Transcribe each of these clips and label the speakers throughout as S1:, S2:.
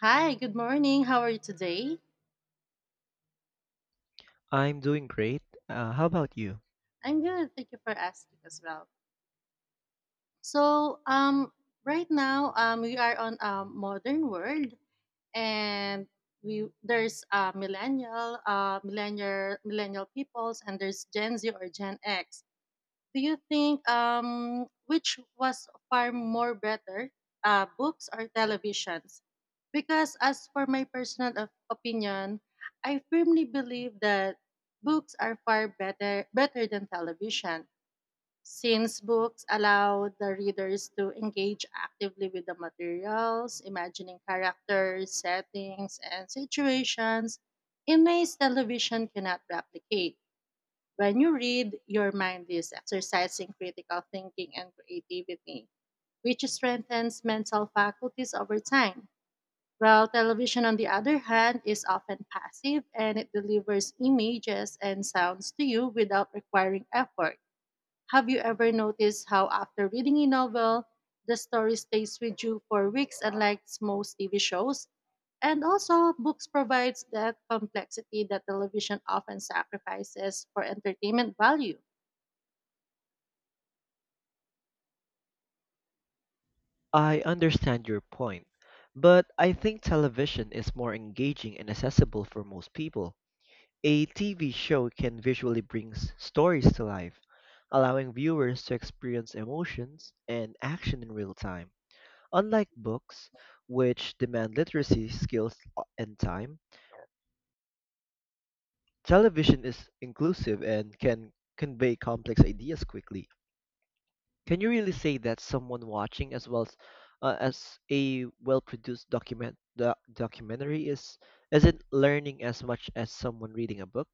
S1: Hi, good morning. How are you today?
S2: I'm doing great. How about you?
S1: I'm good. Thank you for asking as well. So, um, right now, we are on a modern world, and we there's millennial, millennial peoples, and there's Gen Z or Gen X. Do you think which was far more better, books or televisions? Because as for my personal opinion, I firmly believe that books are far better than television since books allow the readers to engage actively with the materials, imagining characters, settings, and situations in ways television cannot replicate. When you read, your mind is exercising critical thinking and creativity, which strengthens mental faculties over time. While television, on the other hand, is often passive and it delivers images and sounds to you without requiring effort. Have you ever noticed how, after reading a novel, the story stays with you for weeks, unlike most TV shows? And also, books provides that complexity that television often sacrifices for entertainment value.
S2: I understand your point, but I think television is more engaging and accessible for most people. A TV show can visually bring stories to life, allowing viewers to experience emotions and action in real time. Unlike books, which demand literacy skills and time, television is inclusive and can convey complex ideas quickly. Can you really say that someone watching as well as a well-produced documentary is isn't learning as much as someone reading a book?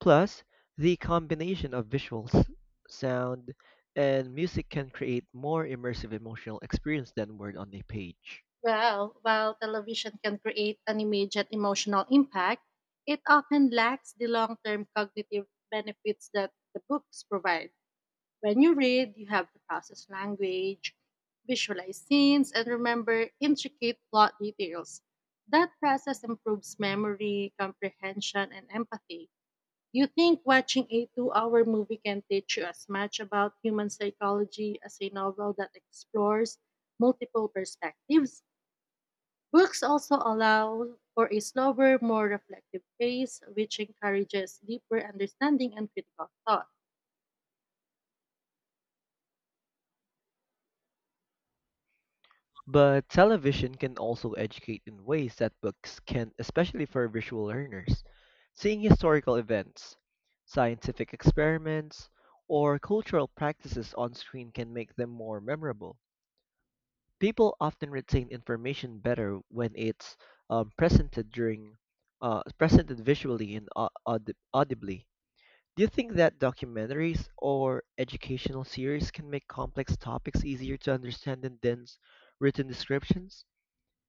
S2: Plus, the combination of visuals, sound, and music can create more immersive emotional experience than word on a page.
S1: Well, while television can create an immediate emotional impact, it often lacks the long term cognitive benefits that the books provide. When you read, you have to process language, visualize scenes, and remember intricate plot details. That process improves memory, comprehension, and empathy. You think watching a 2 hour movie can teach you as much about human psychology as a novel that explores multiple perspectives? Books also allow for a slower, more reflective pace, which encourages deeper understanding and critical thought.
S2: But television can also educate in ways that books can, especially for visual learners. Seeing historical events, scientific experiments, or cultural practices on screen can make them more memorable. People often retain information better when it's um, presented during presented visually and audibly. Do you think that documentaries or educational series can make complex topics easier to understand than dense written descriptions?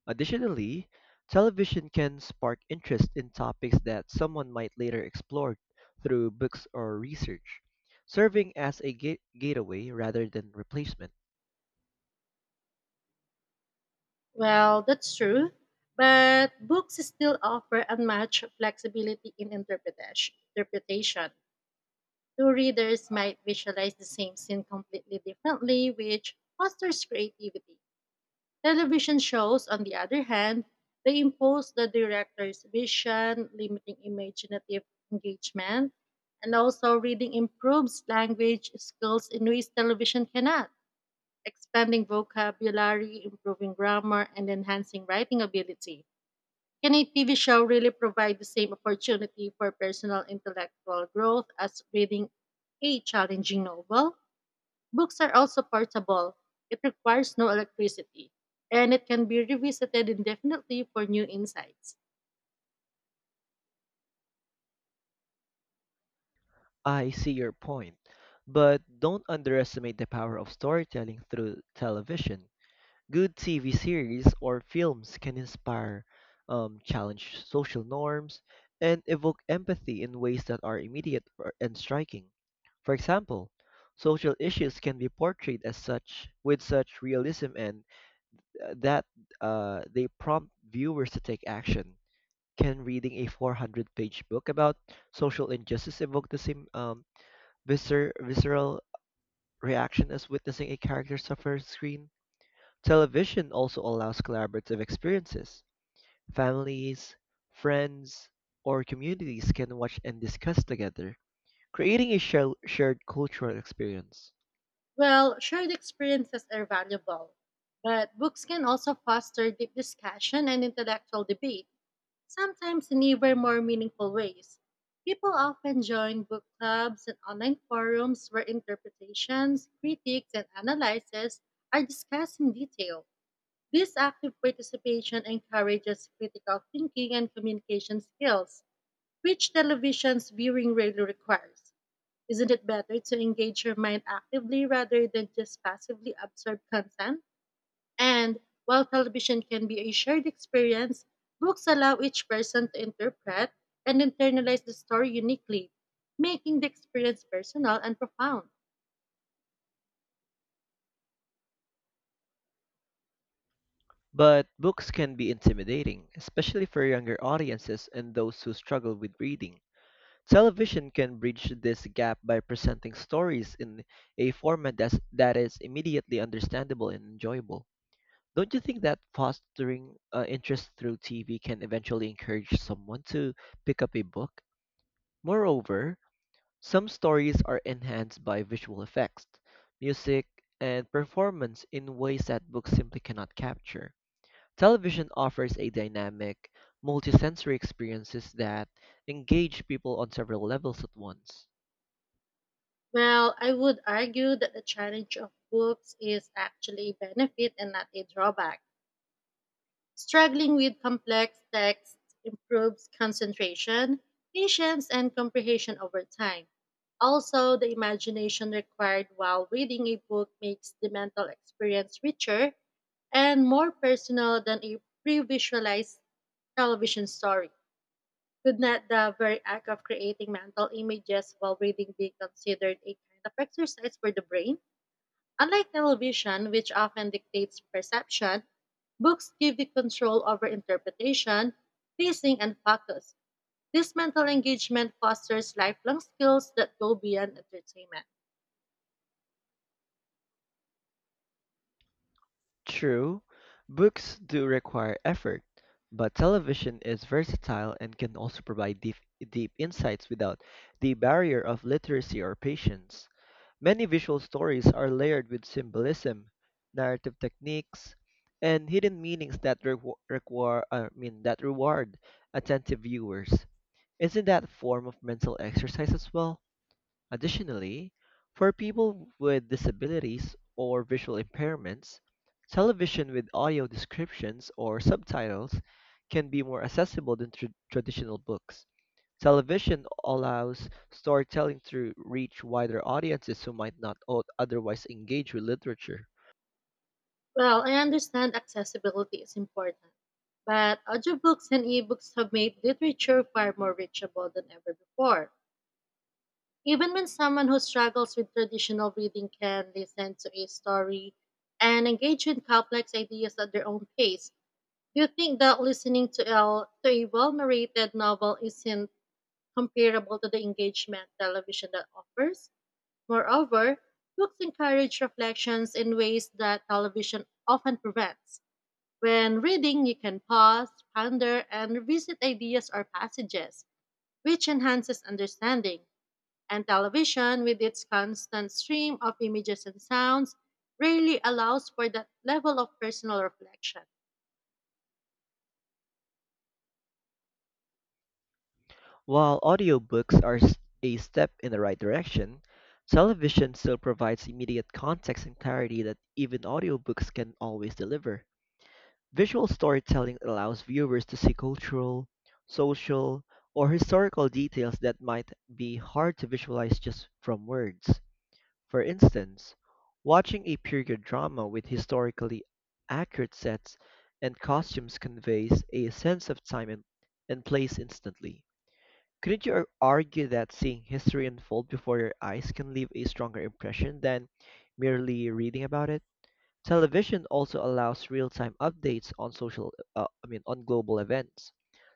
S2: Additionally, television can spark interest in topics that someone might later explore through books or research, serving as a gateway rather than replacement.
S1: Well, that's true, but books still offer unmatched flexibility in interpretation. Two readers might visualize the same scene completely differently, which fosters creativity. Television shows, on the other hand, they impose the director's vision, limiting imaginative engagement, and also reading improves language skills in ways television cannot, expanding vocabulary, improving grammar, and enhancing writing ability. Can a TV show really provide the same opportunity for personal intellectual growth as reading a challenging novel? Books are also portable. It requires no electricity, and it can be revisited indefinitely for new insights.
S2: I see your point, but don't underestimate the power of storytelling through television. Good TV series or films can inspire, challenge social norms, and evoke empathy in ways that are immediate and striking. For example, social issues can be portrayed as such with such realism and that they prompt viewers to take action. Can reading a 400-page book about social injustice evoke the same visceral reaction as witnessing a character suffer on screen? Television also allows collaborative experiences. Families, friends, or communities can watch and discuss together, creating a shared cultural experience.
S1: Well, shared experiences are valuable, but books can also foster deep discussion and intellectual debate, sometimes in even more meaningful ways. People often join book clubs and online forums where interpretations, critiques, and analyses are discussed in detail. This active participation encourages critical thinking and communication skills, which television's viewing rarely requires. Isn't it better to engage your mind actively rather than just passively absorb content? And while television can be a shared experience, books allow each person to interpret and internalize the story uniquely, making the experience personal and profound.
S2: But books can be intimidating, especially for younger audiences and those who struggle with reading. Television can bridge this gap by presenting stories in a format that is immediately understandable and enjoyable. Don't you think that fostering interest through TV can eventually encourage someone to pick up a book? Moreover, some stories are enhanced by visual effects, music, and performance in ways that books simply cannot capture. Television offers a dynamic, multisensory experiences that engage people on several levels at once.
S1: Well, I would argue that the challenge of books is actually a benefit and not a drawback. Struggling with complex texts improves concentration, patience, and comprehension over time. Also, the imagination required while reading a book makes the mental experience richer and more personal than a pre visualized television story. Could not the very act of creating mental images while reading be considered a kind of exercise for the brain? Unlike television, which often dictates perception, books give you control over interpretation, pacing, and focus. This mental engagement fosters lifelong skills that go beyond entertainment.
S2: True, books do require effort, but television is versatile and can also provide deep, deep insights without the barrier of literacy or patience. Many visual stories are layered with symbolism, narrative techniques, and hidden meanings that that reward attentive viewers. Isn't that a form of mental exercise as well? Additionally, for people with disabilities or visual impairments, television with audio descriptions or subtitles can be more accessible than traditional books. Television allows storytelling to reach wider audiences who might not otherwise engage with literature.
S1: Well, I understand accessibility is important, but audiobooks and ebooks have made literature far more reachable than ever before. Even when someone who struggles with traditional reading can listen to a story and engage in complex ideas at their own pace, do you think that listening to to a well narrated novel isn't comparable to the engagement television that offers? Moreover, books encourage reflections in ways that television often prevents. When reading, you can pause, ponder, and revisit ideas or passages, which enhances understanding. And television, with its constant stream of images and sounds, rarely allows for that level of personal reflection.
S2: While audiobooks are a step in the right direction, television still provides immediate context and clarity that even audiobooks can always deliver. Visual storytelling allows viewers to see cultural, social, or historical details that might be hard to visualize just from words. For instance, watching a period drama with historically accurate sets and costumes conveys a sense of time and, place instantly. Couldn't you argue that seeing history unfold before your eyes can leave a stronger impression than merely reading about it? Television also allows real-time updates on social, I mean, on global events,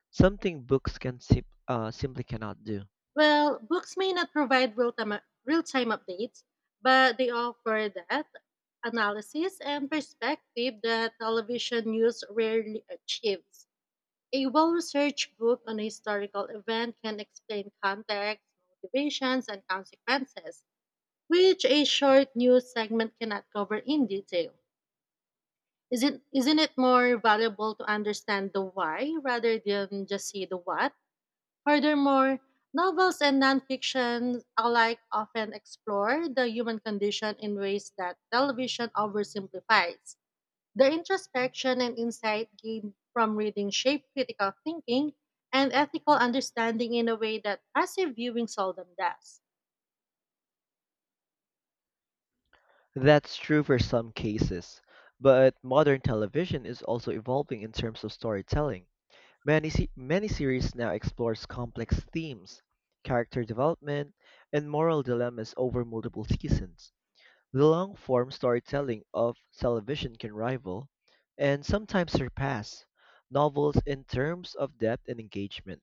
S2: something books can simply cannot do.
S1: Well, books may not provide real time updates, but they offer that analysis and perspective that television news rarely achieves. A well researched book on a historical event can explain context, motivations, and consequences, which a short news segment cannot cover in detail. Isn't it more valuable to understand the why rather than just see the what? Furthermore, novels and nonfiction alike often explore the human condition in ways that television oversimplifies. The introspection and insight gained from reading shape critical thinking and ethical understanding in a way that passive viewing seldom does.
S2: That's true for some cases, but modern television is also evolving in terms of storytelling. Many series now explores complex themes, character development, and moral dilemmas over multiple seasons. The long form storytelling of television can rival, and sometimes surpass, novels in terms of depth and engagement.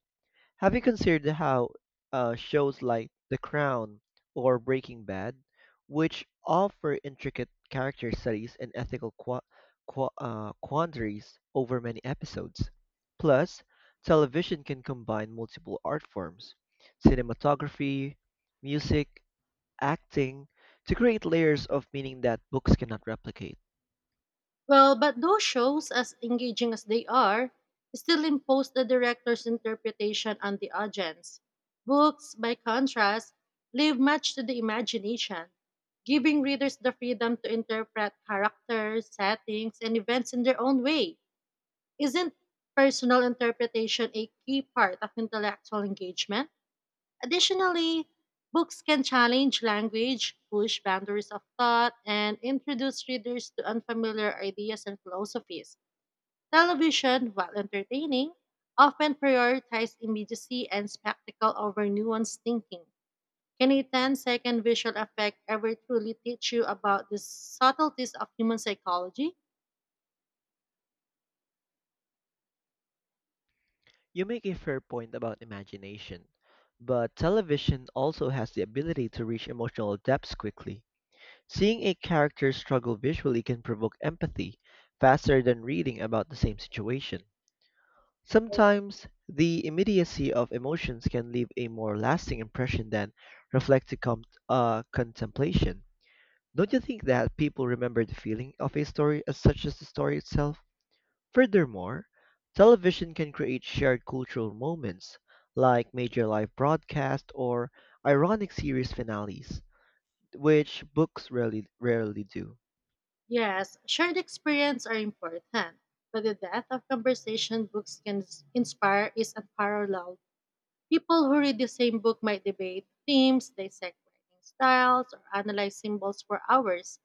S2: Have you considered how shows like The Crown or Breaking Bad, which offer intricate character studies and ethical quandaries over many episodes? Plus, television can combine multiple art forms: cinematography, music, acting, to create layers of meaning that books cannot replicate.
S1: Well, but those shows, as engaging as they are, still impose the director's interpretation on the audience. Books, by contrast, leave much to the imagination, giving readers the freedom to interpret characters, settings, and events in their own way. Isn't personal interpretation a key part of intellectual engagement? Additionally, books can challenge language, push boundaries of thought, and introduce readers to unfamiliar ideas and philosophies. Television, while entertaining, often prioritizes immediacy and spectacle over nuanced thinking. Can a ten-second visual effect ever truly teach you about the subtleties of human psychology?
S2: You make a fair point about imagination, but television also has the ability to reach emotional depths quickly. Seeing a character struggle visually can provoke empathy faster than reading about the same situation. Sometimes, the immediacy of emotions can leave a more lasting impression than reflective contemplation. Don't you think that people remember the feeling of a story as such as the story itself? Furthermore, television can create shared cultural moments, like major live broadcasts or ironic series finales, which books rarely, rarely do.
S1: Yes, shared experience are important, but the depth of conversation books can inspire is unparalleled. People who read the same book might debate themes, dissect writing styles, or analyze symbols for hours.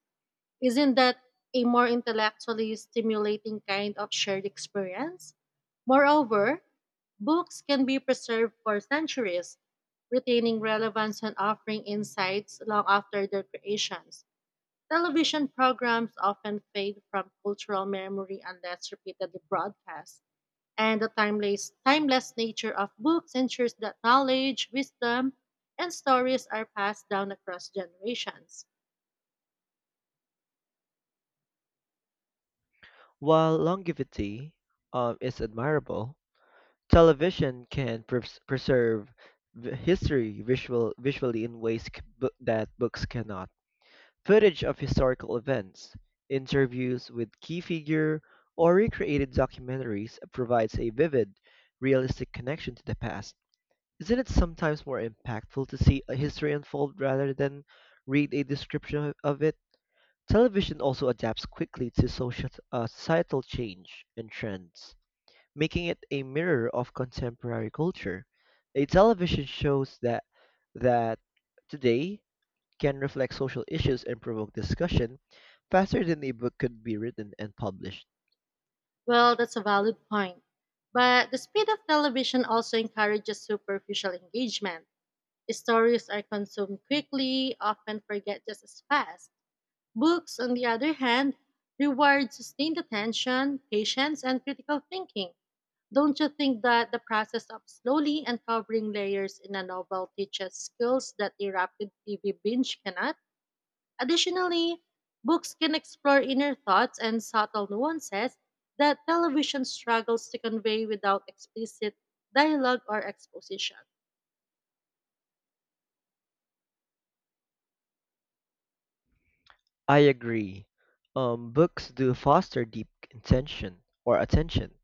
S1: Isn't that a more intellectually stimulating kind of shared experience? Moreover, books can be preserved for centuries, retaining relevance and offering insights long after their creations. Television programs often fade from cultural memory unless repeatedly broadcast, and the timeless nature of books ensures that knowledge, wisdom, and stories are passed down across generations.
S2: While longevity is admirable, television can preserve history visually in ways that books cannot. Footage of historical events, interviews with key figure, or recreated documentaries provides a vivid, realistic connection to the past. Isn't it sometimes more impactful to see a history unfold rather than read a description of it? Television also adapts quickly to societal change and trends, making it a mirror of contemporary culture. A television shows that today can reflect social issues and provoke discussion faster than a book could be written and published.
S1: Well, that's a valid point. But the speed of television also encourages superficial engagement. Stories are consumed quickly, often forget just as fast. Books, on the other hand, reward sustained attention, patience, and critical thinking. Don't you think that the process of slowly uncovering layers in a novel teaches skills that a rapid TV binge cannot? Additionally, books can explore inner thoughts and subtle nuances that television struggles to convey without explicit dialogue or exposition.
S2: I agree. Books do foster deep intention or attention,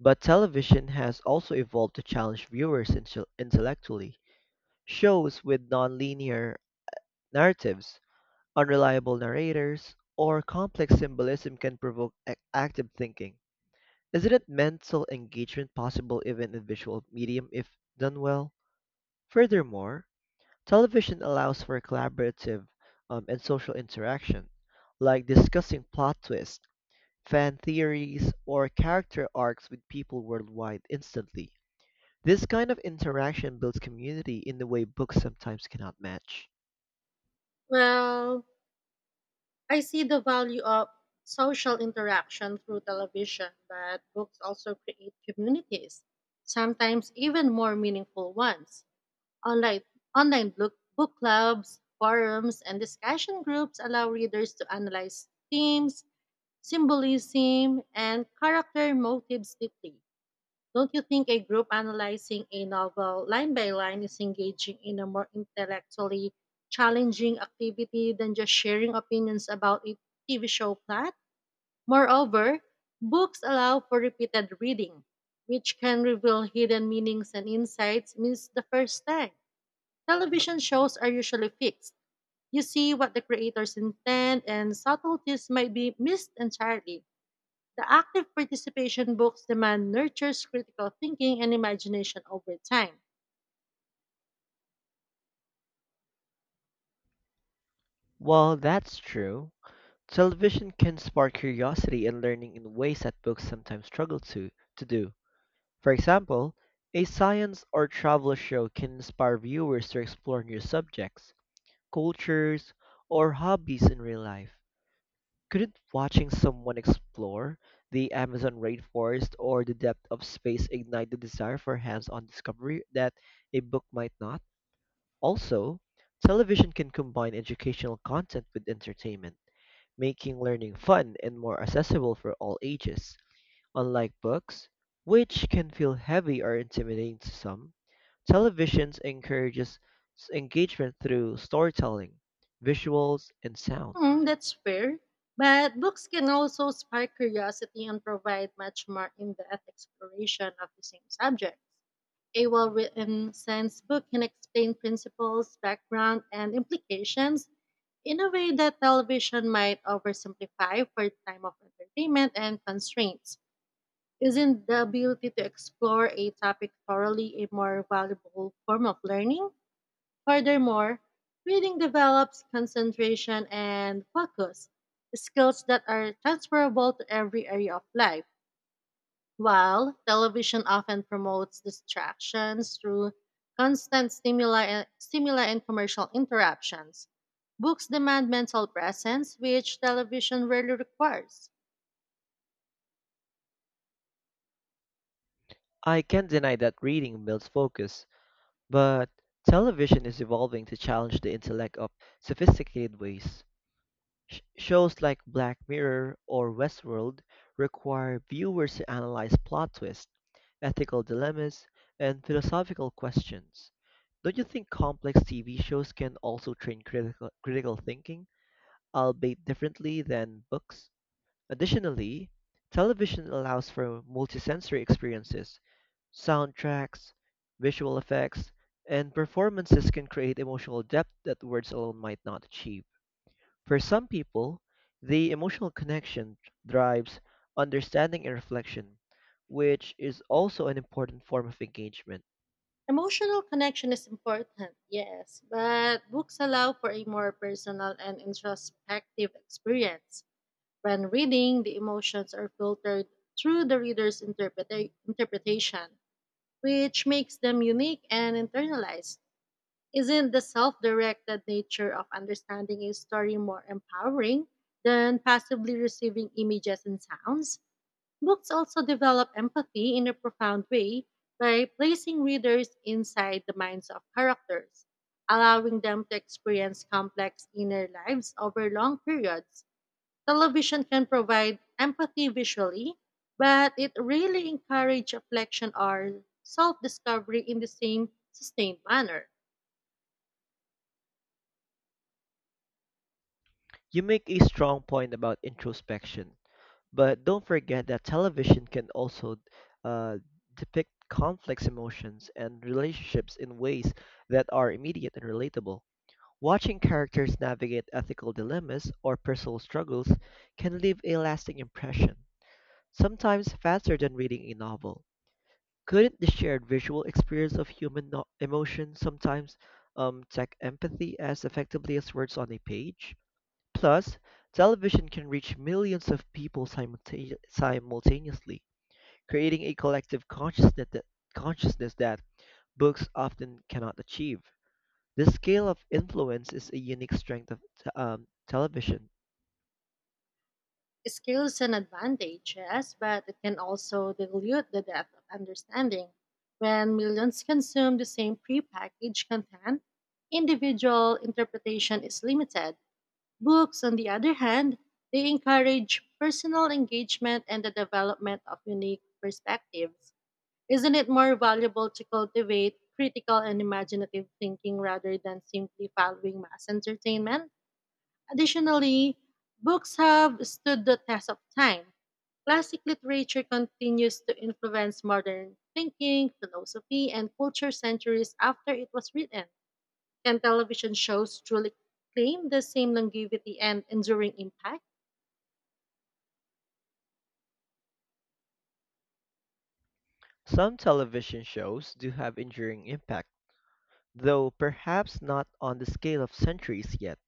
S2: but television has also evolved to challenge viewers intellectually. Shows with non-linear narratives, unreliable narrators, or complex symbolism can provoke active thinking. Isn't it mental engagement possible even in visual medium if done well? Furthermore, television allows for collaborative and social interaction, like discussing plot twists, fan theories, or character arcs with people worldwide instantly. This kind of interaction builds community in the way books sometimes cannot match.
S1: Well, I see the value of social interaction through television, but books also create communities, sometimes even more meaningful ones. Online, online book clubs, forums, and discussion groups allow readers to analyze themes, symbolism, and character motives deeply. Don't you think a group analyzing a novel line by line is engaging in a more intellectually challenging activity than just sharing opinions about a TV show plot? Moreover, books allow for repeated reading, which can reveal hidden meanings and insights missed the first time. Television shows are usually fixed. You see what the creators intend, and subtleties might be missed entirely. The active participation books demand nurtures critical thinking and imagination over time.
S2: While that's true, television can spark curiosity and learning in ways that books sometimes struggle to do. For example, a science or travel show can inspire viewers to explore new subjects, cultures, or hobbies in real life. Couldn't watching someone explore the Amazon rainforest or the depth of space ignite the desire for hands on discovery that a book might not? Also, television can combine educational content with entertainment, making learning fun and more accessible for all ages. Unlike books, which can feel heavy or intimidating to some, television encourages engagement through storytelling, visuals, and sound.
S1: Hmm, that's fair. But books can also spark curiosity and provide much more in depth exploration of the same subject. A well written science book can explain principles, background, and implications in a way that television might oversimplify for time of entertainment and constraints. Isn't the ability to explore a topic thoroughly a more valuable form of learning? Furthermore, reading develops concentration and focus, skills that are transferable to every area of life. While television often promotes distractions through constant stimuli and commercial interruptions, books demand mental presence, which television rarely requires.
S2: I can't deny that reading builds focus, but television is evolving to challenge the intellect of sophisticated ways. Shows like Black Mirror or Westworld require viewers to analyze plot twists, ethical dilemmas, and philosophical questions. Don't you think complex TV shows can also train critical, critical thinking, albeit differently than books? Additionally, television allows for multisensory experiences. Soundtracks, visual effects, and performances can create emotional depth that words alone might not achieve. For some people, the emotional connection drives understanding and reflection, which is also an important form of engagement.
S1: Emotional connection is important, yes, but books allow for a more personal and introspective experience. When reading, the emotions are filtered through the reader's interpretation, which makes them unique and internalized. Isn't the self directed nature of understanding a story more empowering than passively receiving images and sounds? Books also develop empathy in a profound way by placing readers inside the minds of characters, allowing them to experience complex inner lives over long periods. Television can provide empathy visually, but it rarely encourages reflection or self discovery in the same sustained manner.
S2: You make a strong point about introspection, but don't forget that television can also uh, depict complex emotions and relationships in ways that are immediate and relatable. Watching characters navigate ethical dilemmas or personal struggles can leave a lasting impression, sometimes faster than reading a novel. Couldn't the shared visual experience of human emotion sometimes tag empathy as effectively as words on a page? Plus, television can reach millions of people simultaneously, creating a collective consciousness that books often cannot achieve. This scale of influence is a unique strength of television.
S1: Skills and advantage, yes, but it can also dilute the depth of understanding. When millions consume the same prepackaged content, individual interpretation is limited. Books, on the other hand, they encourage personal engagement and the development of unique perspectives. Isn't it more valuable to cultivate critical and imaginative thinking rather than simply following mass entertainment? Additionally, books have stood the test of time. Classic literature continues to influence modern thinking, philosophy, and culture centuries after it was written. Can television shows truly claim the same longevity and enduring impact?
S2: Some television shows do have enduring impact, though perhaps not on the scale of centuries yet.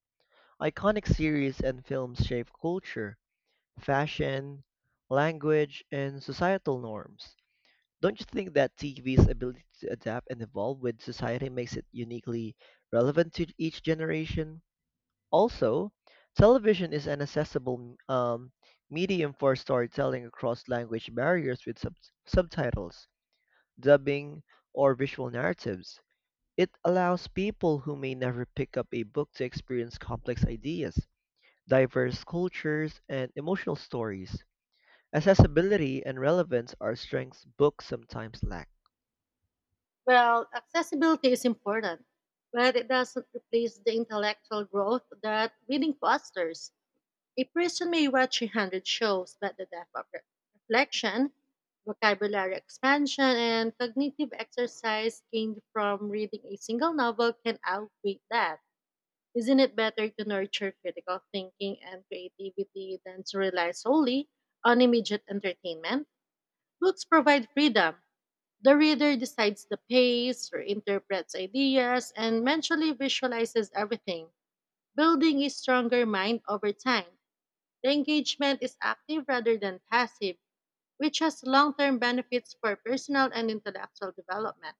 S2: Iconic series and films shape culture, fashion, language, and societal norms. Don't you think that TV's ability to adapt and evolve with society makes it uniquely relevant to each generation? Also, television is an accessible medium for storytelling across language barriers with subtitles, dubbing, or visual narratives. It allows people who may never pick up a book to experience complex ideas, diverse cultures, and emotional stories. Accessibility and relevance are strengths books sometimes lack.
S1: Well, accessibility is important, but it doesn't replace the intellectual growth that reading fosters. A person may watch 100 shows, but the depth of reflection, vocabulary expansion, and cognitive exercise gained from reading a single novel can outweigh that. Isn't it better to nurture critical thinking and creativity than to rely solely on immediate entertainment? Books provide freedom. The reader decides the pace, reinterprets ideas, and mentally visualizes everything, building a stronger mind over time. The engagement is active rather than passive, which has long term benefits for personal and intellectual development.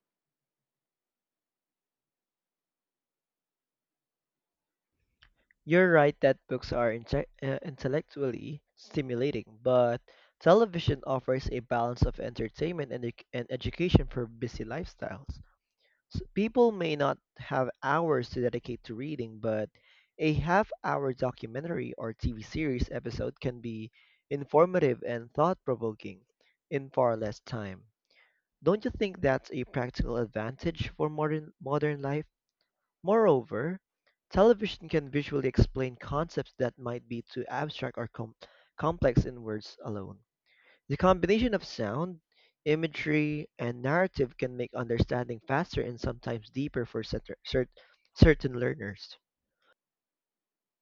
S2: You're right that books are intellectually stimulating, but television offers a balance of entertainment and education for busy lifestyles. S People may not have hours to dedicate to reading, but a half hour documentary or TV series episode can be informative and thought provoking in far less time. Don't you think that's a practical advantage for modern life? Moreover, television can visually explain concepts that might be too abstract or complex in words alone. The combination of sound, imagery, and narrative can make understanding faster and sometimes deeper for certain learners.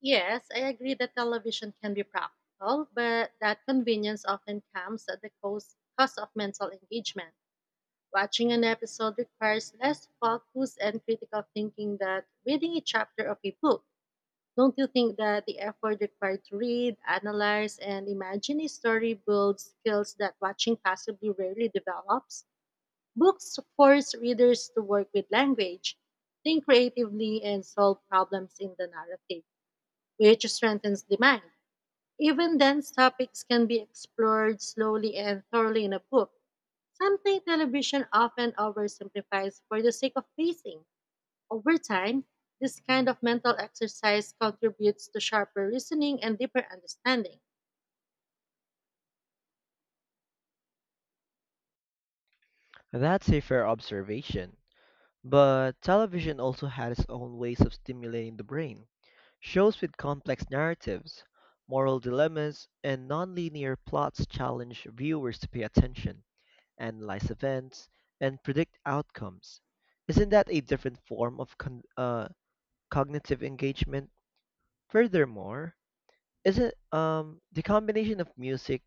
S1: Yes, I agree that television can be practical, but that convenience often comes at the cost of mental engagement. Watching an episode requires less focus and critical thinking than reading a chapter of a book. Don't you think that the effort required to read, analyze, and imagine a story builds skills that watching passively rarely develops? Books force readers to work with language, think creatively, and solve problems in the narrative, which strengthens the mind. Even dense topics can be explored slowly and thoroughly in a book. Something television often oversimplifies for the sake of pacing. Over time, this kind of mental exercise contributes to sharper reasoning and deeper understanding.
S2: That's a fair observation. But television also had its own ways of stimulating the brain. Shows with complex narratives, moral dilemmas, and nonlinear plots challenge viewers to pay attention, analyze events, and predict outcomes. Isn't that a different form of cognitive engagement? Furthermore, isn't the combination of music,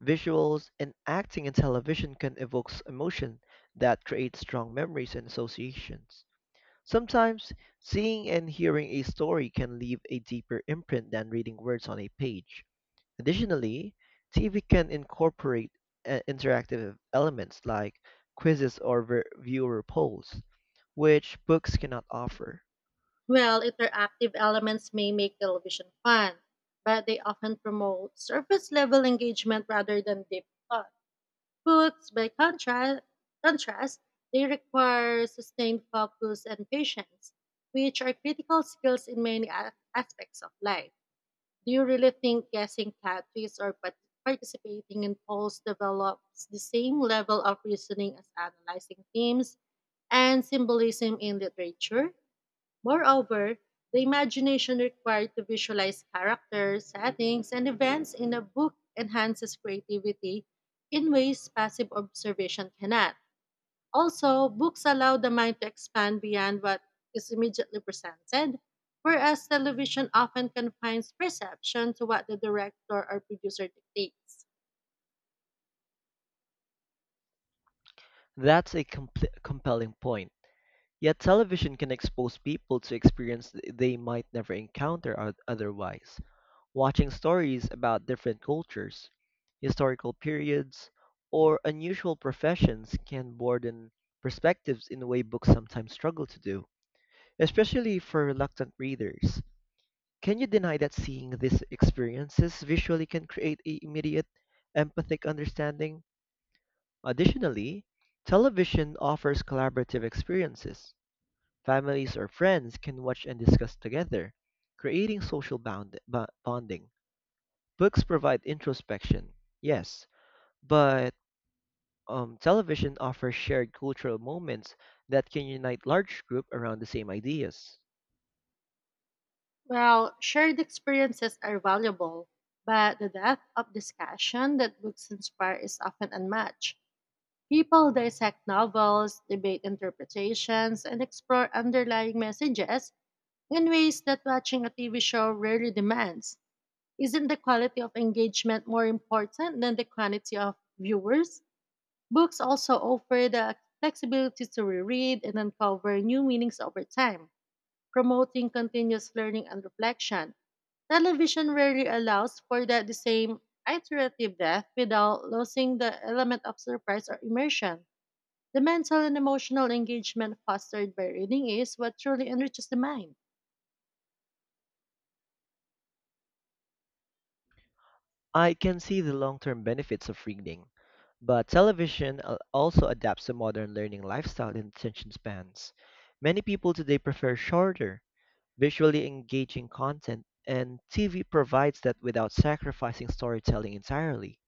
S2: visuals, and acting in television can evoke emotion that creates strong memories and associations? Sometimes, seeing and hearing a story can leave a deeper imprint than reading words on a page. Additionally, TV can incorporate interactive elements like quizzes or viewer polls, which books cannot offer.
S1: Well, interactive elements may make television fun, but they often promote surface level engagement rather than deep thought. Books, by contrast, they require sustained focus and patience, which are critical skills in many aspects of life. Do you really think guessing categories or participating in polls develops the same level of reasoning as analyzing themes and symbolism in literature? Moreover, the imagination required to visualize characters, settings, and events in a book enhances creativity in ways passive observation cannot. Also, books allow the mind to expand beyond what is immediately presented, whereas television often confines perception to what the director or producer dictates.
S2: That's a compelling point. Yet television can expose people to experience they might never encounter otherwise. Watching stories about different cultures, historical periods, or unusual professions can broaden perspectives in a way books sometimes struggle to do, especially for reluctant readers. Can you deny that seeing these experiences visually can create a immediate empathic understanding? Additionally, television offers collaborative experiences. Families or friends can watch and discuss together, creating social bonding. Books provide introspection, yes, but television offers shared cultural moments that can unite large groups around the same ideas.
S1: While shared experiences are valuable, but the depth of discussion that books inspire is often unmatched. People dissect novels, debate interpretations, and explore underlying messages in ways that watching a TV show rarely demands. Isn't the quality of engagement more important than the quantity of viewers? Books also offer the flexibility to reread and uncover new meanings over time, promoting continuous learning and reflection. Television rarely allows for that the same iterative depth without losing the element of surprise or immersion. The mental and emotional engagement fostered by reading is what truly enriches the mind.
S2: I can see the long-term benefits of reading, but television also adapts to modern learning lifestyle and attention spans. Many people today prefer shorter, visually engaging content, and TV provides that without sacrificing storytelling entirely.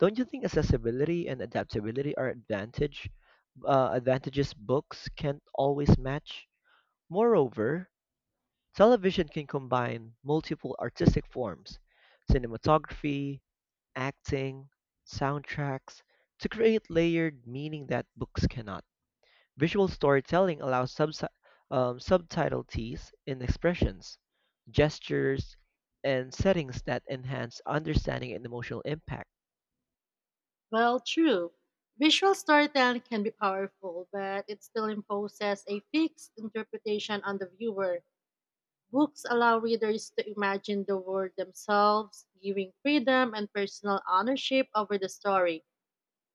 S2: Don't you think accessibility and adaptability are advantages books can't always match? Moreover, television can combine multiple artistic forms: cinematography, acting, soundtracks, to create layered meaning that books cannot. Visual storytelling allows subtleties in expressions, gestures, and settings that enhance understanding and emotional impact.
S1: Well, true. Visual storytelling can be powerful, but it still imposes a fixed interpretation on the viewer. Books allow readers to imagine the world themselves, giving freedom and personal ownership over the story.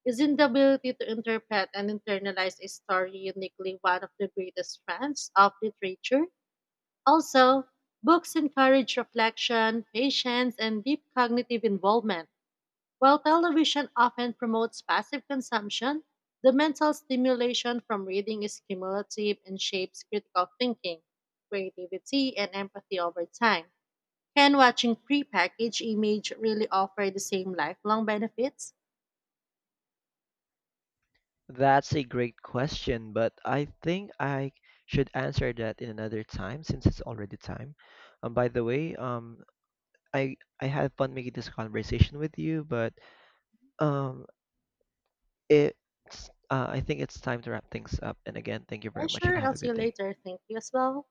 S1: Isn't the ability to interpret and internalize a story uniquely one of the greatest strengths of literature? Also, books encourage reflection, patience, and deep cognitive involvement, while television often promotes passive consumption. The mental stimulation from reading is cumulative and shapes critical thinking, creativity, and empathy over time. Can watching prepackaged image really offer the same lifelong benefits?
S2: That's a great question, but I think I should answer that in another time since it's already time. By the way, I I had fun making this conversation with you, but um, it's I think it's time to wrap things up. And again, thank you very
S1: And
S2: much and
S1: sure,
S2: have
S1: I'll
S2: a
S1: see
S2: good
S1: you
S2: day.
S1: later. Thank you as well.